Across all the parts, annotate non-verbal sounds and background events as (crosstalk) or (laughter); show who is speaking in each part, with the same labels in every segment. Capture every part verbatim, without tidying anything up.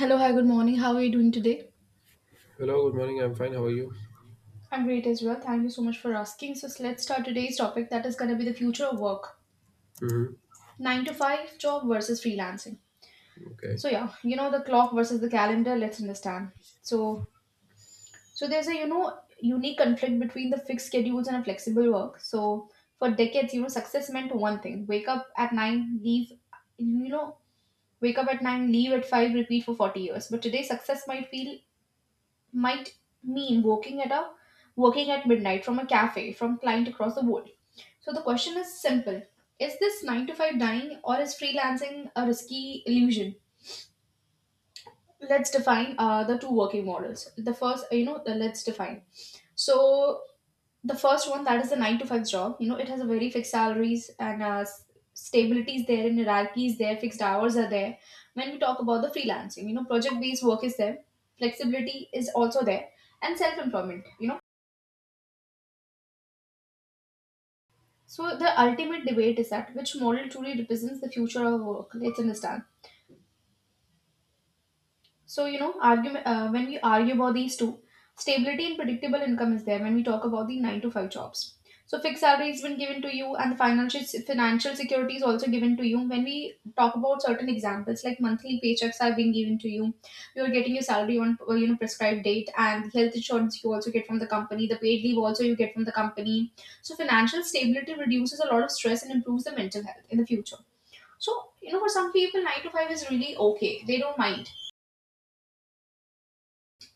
Speaker 1: Hello, hi, good morning. How are you doing today?
Speaker 2: Hello, good morning. I'm fine. How are you?
Speaker 1: I'm great as well. Thank you so much for asking. So let's start today's topic that is going to be the future of work.
Speaker 2: Mm-hmm.
Speaker 1: nine to five job versus freelancing.
Speaker 2: Okay.
Speaker 1: So yeah, you know the clock versus the calendar, let's understand. So so there's a you know unique conflict between the fixed schedules and a flexible work. So for decades, you know, success meant one thing. Wake up at nine, leave you know, Wake up at nine, leave at five, repeat for forty years. But today success might feel might mean working at a working at midnight from a cafe from client across the world. So the question is simple. Is this nine to five dying or is freelancing a risky illusion? Let's define uh, the two working models. The first, you know, the, let's define. So the first one, that is the nine to five job, you know it has a very fixed salaries, and uh, s- stability is there, and hierarchy is there, fixed hours are there. When we talk about the freelancing, you know project based work is there, flexibility is also there, and self employment, you know so the ultimate debate is that which model truly represents the future of work. Let's understand. So, you know, argument, uh, when we argue about these two, stability and predictable income is there when we talk about the nine to five jobs. So, fixed salary has been given to you, and the financial, financial security is also given to you. When we talk about certain examples, like monthly paychecks are being given to you, you are getting your salary on uh, you know prescribed date, and health insurance you also get from the company, the paid leave also you get from the company. So, financial stability reduces a lot of stress and improves the mental health in the future. So, you know, for some people, nine to five is really okay. They don't mind,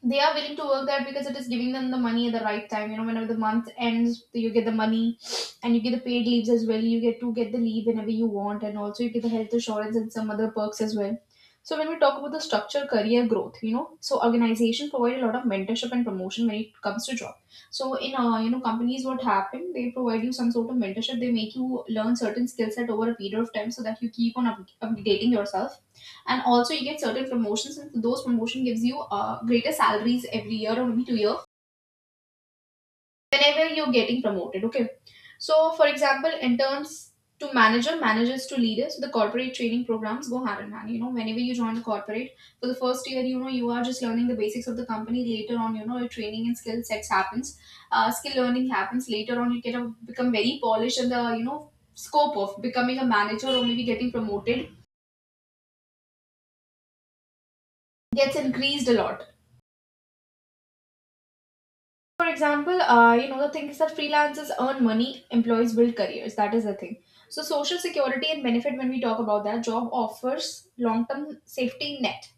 Speaker 1: they are willing to work there because it is giving them the money at the right time. You know, whenever the month ends, you get the money, and you get the paid leaves as well. You get to get the leave whenever you want, and also you get the health insurance and some other perks as well. So when we talk about the structure, career growth, you know, so organization provide a lot of mentorship and promotion when it comes to job. So in uh, you know companies, what happen? They provide you some sort of mentorship. They make you learn certain skill set over a period of time so that you keep on up- updating yourself, and also you get certain promotions, and those promotion gives you uh, greater salaries every year or maybe two years whenever you're getting promoted. Okay, so for example, interns to manager, managers to leaders. So the corporate training programs go hand in hand. You know whenever you join the corporate for the first year, you know you are just learning the basics of the company. Later on, you know your training and skill sets happens, uh, skill learning happens. Later on, you get a, become very polished, and the you know scope of becoming a manager or maybe getting promoted gets increased a lot. For example, uh, you know, the thing is that freelancers earn money, employees build careers. That is the thing. So, social security and benefit, when we talk about that, job offers long term safety net.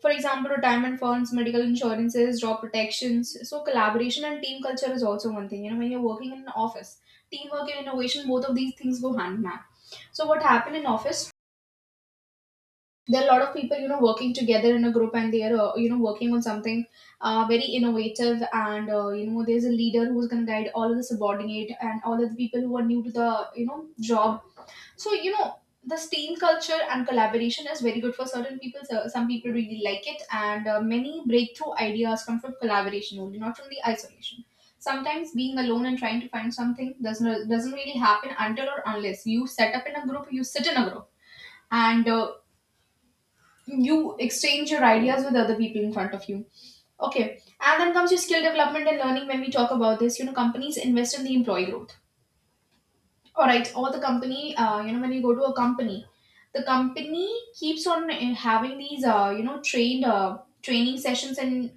Speaker 1: For example, retirement funds, medical insurances, job protections. So, collaboration and team culture is also one thing. You know, when you're working in an office, teamwork and innovation, both of these things go hand in hand. So, what happened in office? There are a lot of people you know working together in a group, and they are uh, you know working on something, uh, very innovative, and uh, you know there's a leader who's going to guide all of the subordinate and all of the people who are new to the you know job. So you know this team culture and collaboration is very good for certain people. So some people really like it, and uh, many breakthrough ideas come from collaboration only, not from the isolation. Sometimes being alone and trying to find something doesn't doesn't really happen until or unless you set up in a group you sit in a group, and uh, you exchange your ideas with other people in front of you. Okay, and then comes your skill development and learning. When we talk about this, you know companies invest in the employee growth. All right, or the company, uh, you know when you go to a company, the company keeps on uh, having these uh, you know trained uh, training sessions, and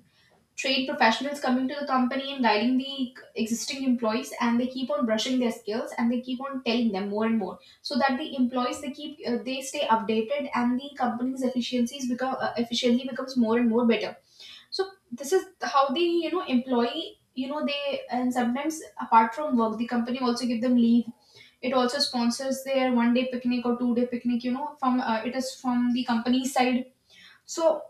Speaker 1: trade professionals coming to the company and guiding the existing employees. And they keep on brushing their skills, and they keep on telling them more and more so that the employees, they keep uh, they stay updated, and the company's efficiencies become uh, efficiently becomes more and more better. So this is how the you know employee, you know they, and sometimes apart from work, the company also give them leave. It also sponsors their one day picnic or two day picnic. You know from uh, It is from the company side. So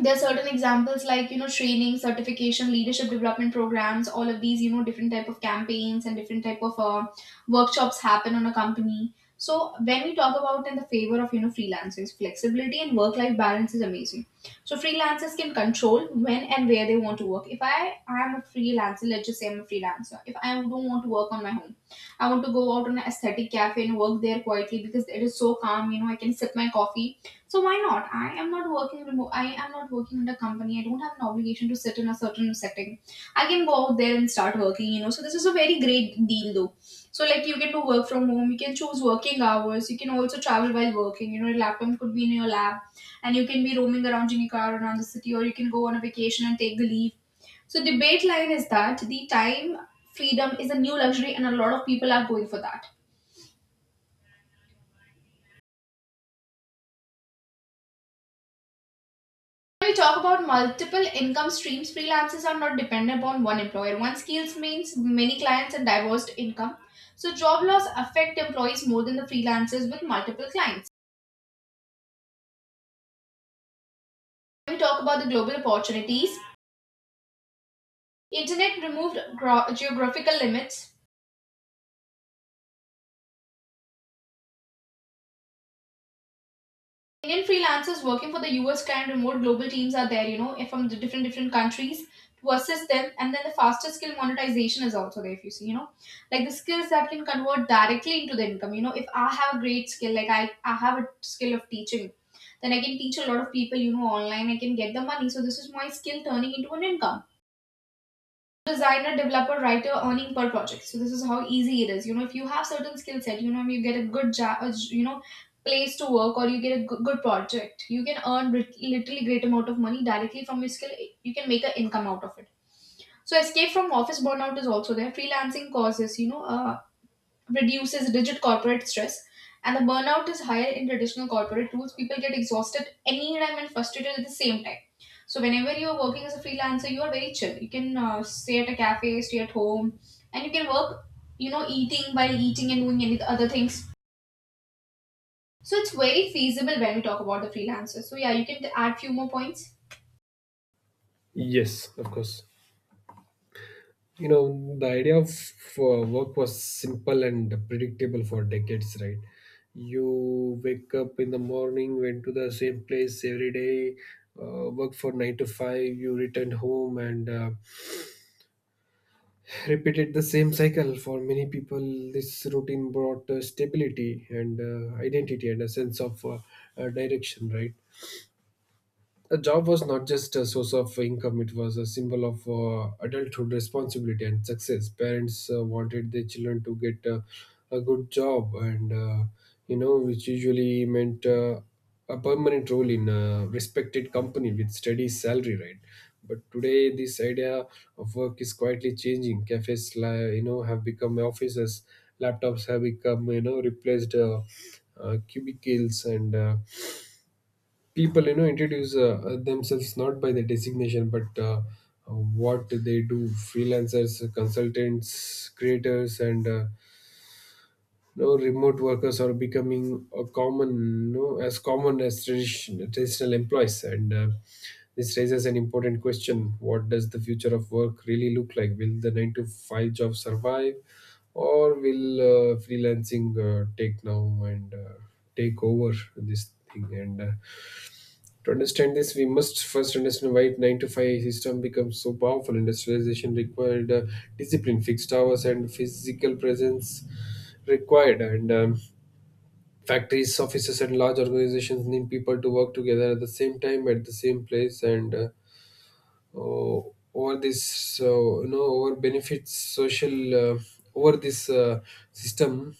Speaker 1: there are certain examples like, you know training certification, leadership development programs, all of these, you know different type of campaigns, and different type of uh, workshops happen on a company. So when we talk about in the favor of you know freelancers, flexibility and work life balance is amazing. So freelancers can control when and where they want to work. If i i am a freelancer, let's just say I'm a freelancer, if I don't want to work on my home, I want to go out on an aesthetic cafe and work there quietly because it is so calm. you know I can sip my coffee. So why not? I am not working remote. I am not working in a company. I don't have an obligation to sit in a certain setting. I can go out there and start working. You know. So this is a very great deal, though. So like you get to work from home. You can choose working hours. You can also travel while working. You know, your laptop could be in your lab, and you can be roaming around in your car around the city, or you can go on a vacation and take the leave. So debate line is that the time freedom is a new luxury, and a lot of people are going for that. We talk about multiple income streams. Freelancers are not dependent upon one employer. One skills means many clients and diverse income. So job loss affect employees more than the freelancers with multiple clients. We talk about the global opportunities. Internet removed gro- geographical limits. Indian freelancers working for the U S client, remote global teams are there, you know, from the different different countries to assist them. And then the faster skill monetization is also there. If you see, you know, like the skills that can convert directly into the income. You know, if I have a great skill, like I I have a skill of teaching, then I can teach a lot of people, you know, online. I can get the money. So this is my skill turning into an income. Designer, developer, writer earning per project. So this is how easy it is. You know, if you have certain skill set, you know, you get a good job, you know, place to work, or you get a good, good project, you can earn lit- literally great amount of money directly from your skill. You can make an income out of it. So escape from office burnout is also there. Freelancing causes, you know, uh, reduces rigid corporate stress, and the burnout is higher in traditional corporate rules. People get exhausted anytime and frustrated at the same time. So whenever you're working as a freelancer, you are very chill. You can uh, stay at a cafe, stay at home, and you can work, you know, eating while eating and doing any other things. So it's very feasible when we talk about the freelancers. So yeah, you can add few more points.
Speaker 2: Yes, of course. You know, the idea of uh, work was simple and predictable for decades, right? You wake up in the morning, went to the same place every day, uh, worked for nine to five, you returned home, and uh, (laughs) repeated the same cycle. For many people, this routine brought uh, stability and uh, identity and a sense of uh, uh, direction, right? A job was not just a source of income. It was a symbol of uh, adulthood, responsibility and success. Parents uh, wanted their children to get uh, a good job and, uh, you know, which usually meant uh, a permanent role in a respected company with steady salary, right? But today this idea of work is quietly changing. Cafes li- you know, have become offices, laptops have become, you know, replaced uh, uh, cubicles, and uh, people, you know, introduce uh, uh, themselves not by the designation but uh, uh, what they do. Freelancers, consultants, creators and, uh, you know, remote workers are becoming a common, you know, as common as tradition, traditional employees. And uh, this raises an important question. What does the future of work really look like? Will the nine to five job survive, or will uh, freelancing uh, take now and uh, take over this thing? And uh, to understand this, we must first understand why nine to five system becomes so powerful. Industrialization required uh, discipline, fixed hours, and physical presence required. And um, factories, offices, and large organizations need people to work together at the same time, at the same place. And uh, o- over this, uh, you know, over benefits, social, uh, over this uh, system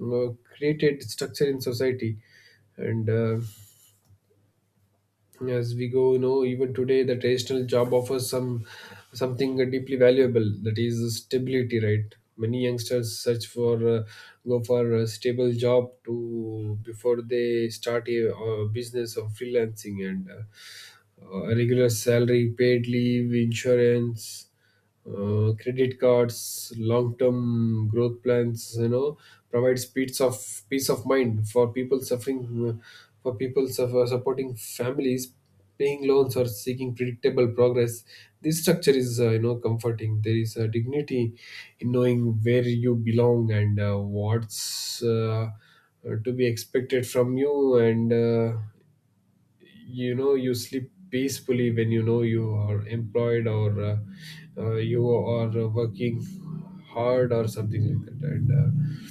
Speaker 2: uh, created structure in society. And uh, as we go, you know, even today the traditional job offers some something deeply valuable, that is stability, right? Many youngsters search for uh, go for a stable job to before they start a, uh business or freelancing. And uh, uh, regular salary, paid leave, insurance, uh, credit cards, long-term growth plans, you know, provides peace of peace of mind for people suffering, uh, for people suffer, supporting families, paying loans or seeking predictable progress. This structure is, uh, you know, comforting. There is a dignity in knowing where you belong and uh, what's. Uh, uh, to be expected from you. And uh, you know, you sleep peacefully when you know you are employed, or uh, uh, you are uh, working hard or something like that. And uh,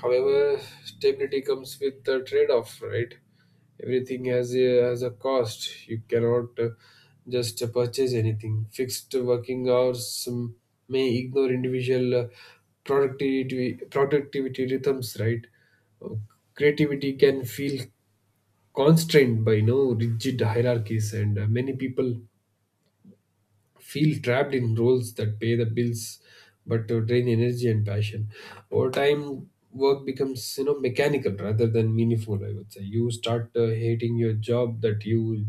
Speaker 2: however, stability comes with a trade-off, right? Everything has a has a cost. You cannot uh, just purchase anything. Fixed working hours um, may ignore individual uh, productivity productivity rhythms, right? Uh, Creativity can feel constrained by, you know, rigid hierarchies, and uh, many people feel trapped in roles that pay the bills but uh, drain energy and passion. Over time, work becomes, you know, mechanical rather than meaningful, I would say. You start uh, hating your job that you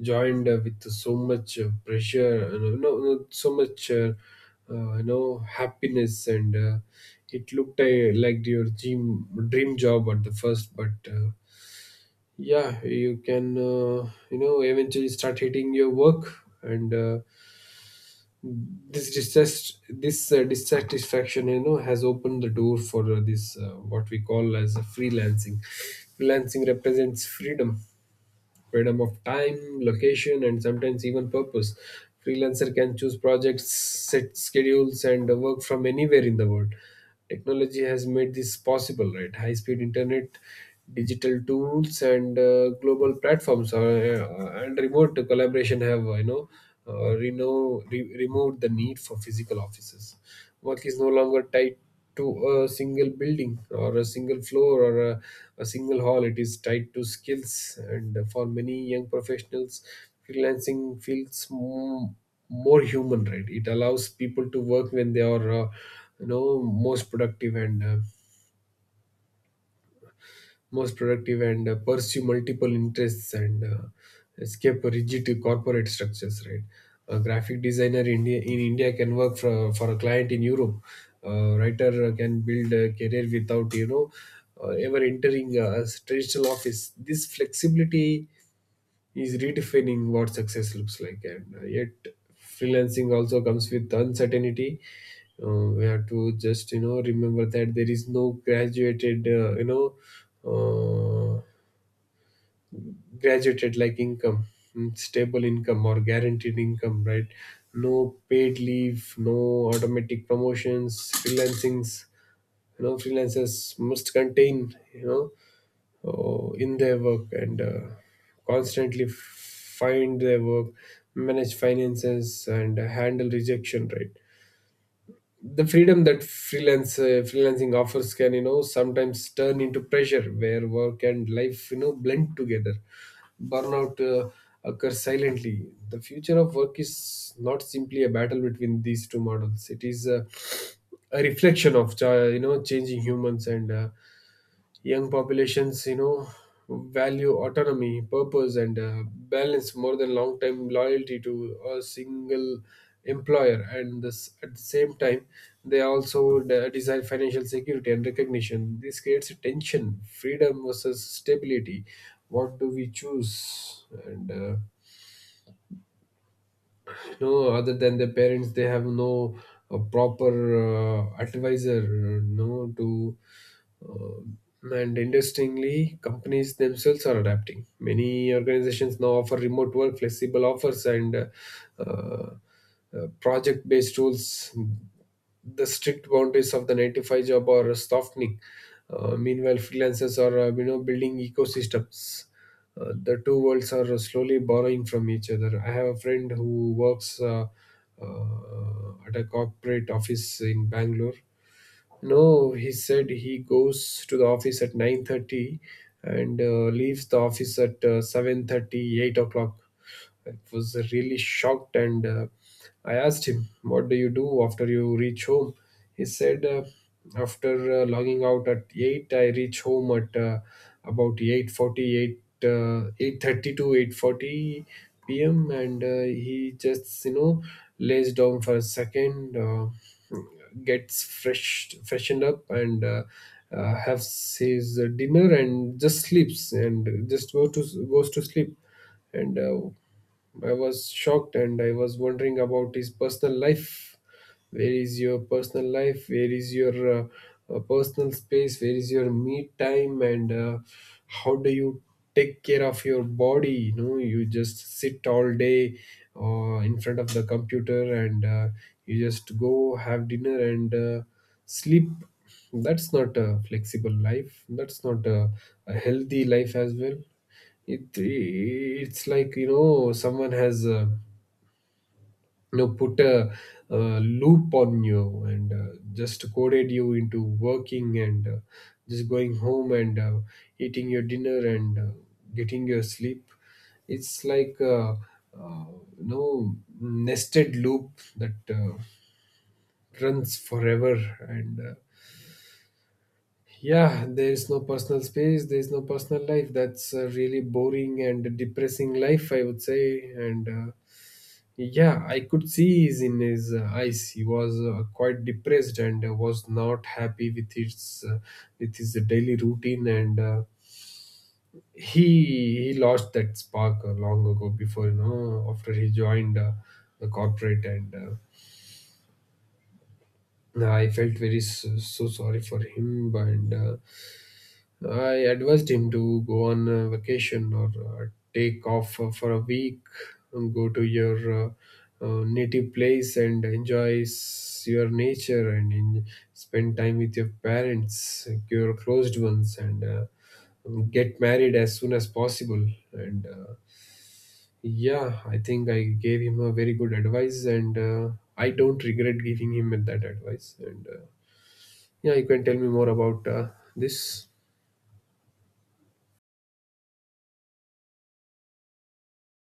Speaker 2: joined uh, with so much uh, pressure and, uh, no, no no, so much uh, uh, you know, happiness. And uh, it looked uh, like your dream dream job at the first. But uh, yeah, you can, uh, you know, eventually start hating your work. And uh, this distress, this uh, dissatisfaction, you know, has opened the door for uh, this uh, what we call as a freelancing freelancing represents freedom, freedom of time, location, and sometimes even purpose. Freelancer can choose projects, set schedules, and work from anywhere in the world. Technology has made this possible, right? High speed internet, digital tools, and, uh, global platforms are, uh, and remote collaboration have, uh, you know, uh, reno- re- removed the need for physical offices. Work is no longer tied to a single building or a single floor or a, a single hall. It is tied to skills, and for many young professionals, freelancing feels more, more human. Right, it allows people to work when they are, uh, you know, most productive and uh, most productive, and uh, pursue multiple interests, and uh, escape rigid corporate structures, right? A graphic designer india in india can work for, for a client in europe. A writer can build a career without, you know, uh, ever entering a traditional office. This flexibility is redefining what success looks like. And uh, yet, freelancing also comes with uncertainty. uh, we have to just, you know, remember that there is no graduated, uh, you know uh, graduated like income, mm, stable income or guaranteed income, right? No paid leave, no automatic promotions. Freelancings, you know, freelancers must contain, you know, uh, in their work, and uh, constantly find their work, manage finances and handle rejection, right? The freedom that freelance uh, freelancing offers can, you know, sometimes turn into pressure where work and life, you know, blend together. Burnout uh, occurs silently. The future of work is not simply a battle between these two models. It is a, a reflection of, uh, you know, changing humans. And uh, young populations, you know, value autonomy, purpose, and uh, balance more than long-term loyalty to a single employer. And this, at the same time, they also de- desire financial security and recognition. This creates a tension, freedom versus stability. What do we choose? And uh, no, other than their parents, they have no uh, proper uh, advisor, uh, no, to uh, and interestingly, companies themselves are adapting. Many organizations now offer remote work, flexible offers, and uh, uh, project based rules. The strict boundaries of the nine to five job are softening. Uh, meanwhile, freelancers are, uh, you know, building ecosystems. Uh, the two worlds are slowly borrowing from each other. I have a friend who works, uh, uh, at a corporate office in Bangalore. No, He said he goes to the office at nine thirty and uh, leaves the office at uh, seven thirty, o'clock. I was really shocked, and uh, I asked him, "What do you do after you reach home?" He said, uh, "After uh, logging out at eight, I reach home at, uh, about eight forty, eight uh, eight thirty to eight forty p m" And uh, he just, you know, lays down for a second. Uh, gets fresh freshened up, and uh, uh, has his dinner and just sleeps and just go to goes to sleep. And uh, I was shocked, and I was wondering about his personal life. Where is your personal life? Where is your uh, uh, personal space? Where is your me time? And uh, how do you take care of your body? You know, you just sit all day uh, in front of the computer, and uh, you just go have dinner, and uh, sleep. That's not a flexible life. That's not a, a healthy life as well. It it's like, you know, someone has, uh, you know, put a, uh loop on you, and uh, just coded you into working, and uh, just going home, and uh, eating your dinner, and uh, getting your sleep. It's like a uh, you know, nested loop that uh, runs forever. And uh, yeah, there is no personal space, there is no personal life. That's a really boring and depressing life, I would say. And uh, yeah, I could see is in his uh, eyes. He was uh, quite depressed, and uh, was not happy with his, uh, with his daily routine. And uh, he he lost that spark uh, long ago before, you know, after he joined uh, the corporate. And Uh, No, I felt very so, so sorry for him, and uh, I advised him to go on a vacation or uh, take off uh, for a week and go to your, uh, uh, native place and enjoy s- your nature and in, spend time with your parents, your closed ones, and uh, get married as soon as possible. And uh, yeah, I think I gave him a very good advice, and uh, I don't regret giving him that advice. And uh, yeah, you can tell me more about uh, this.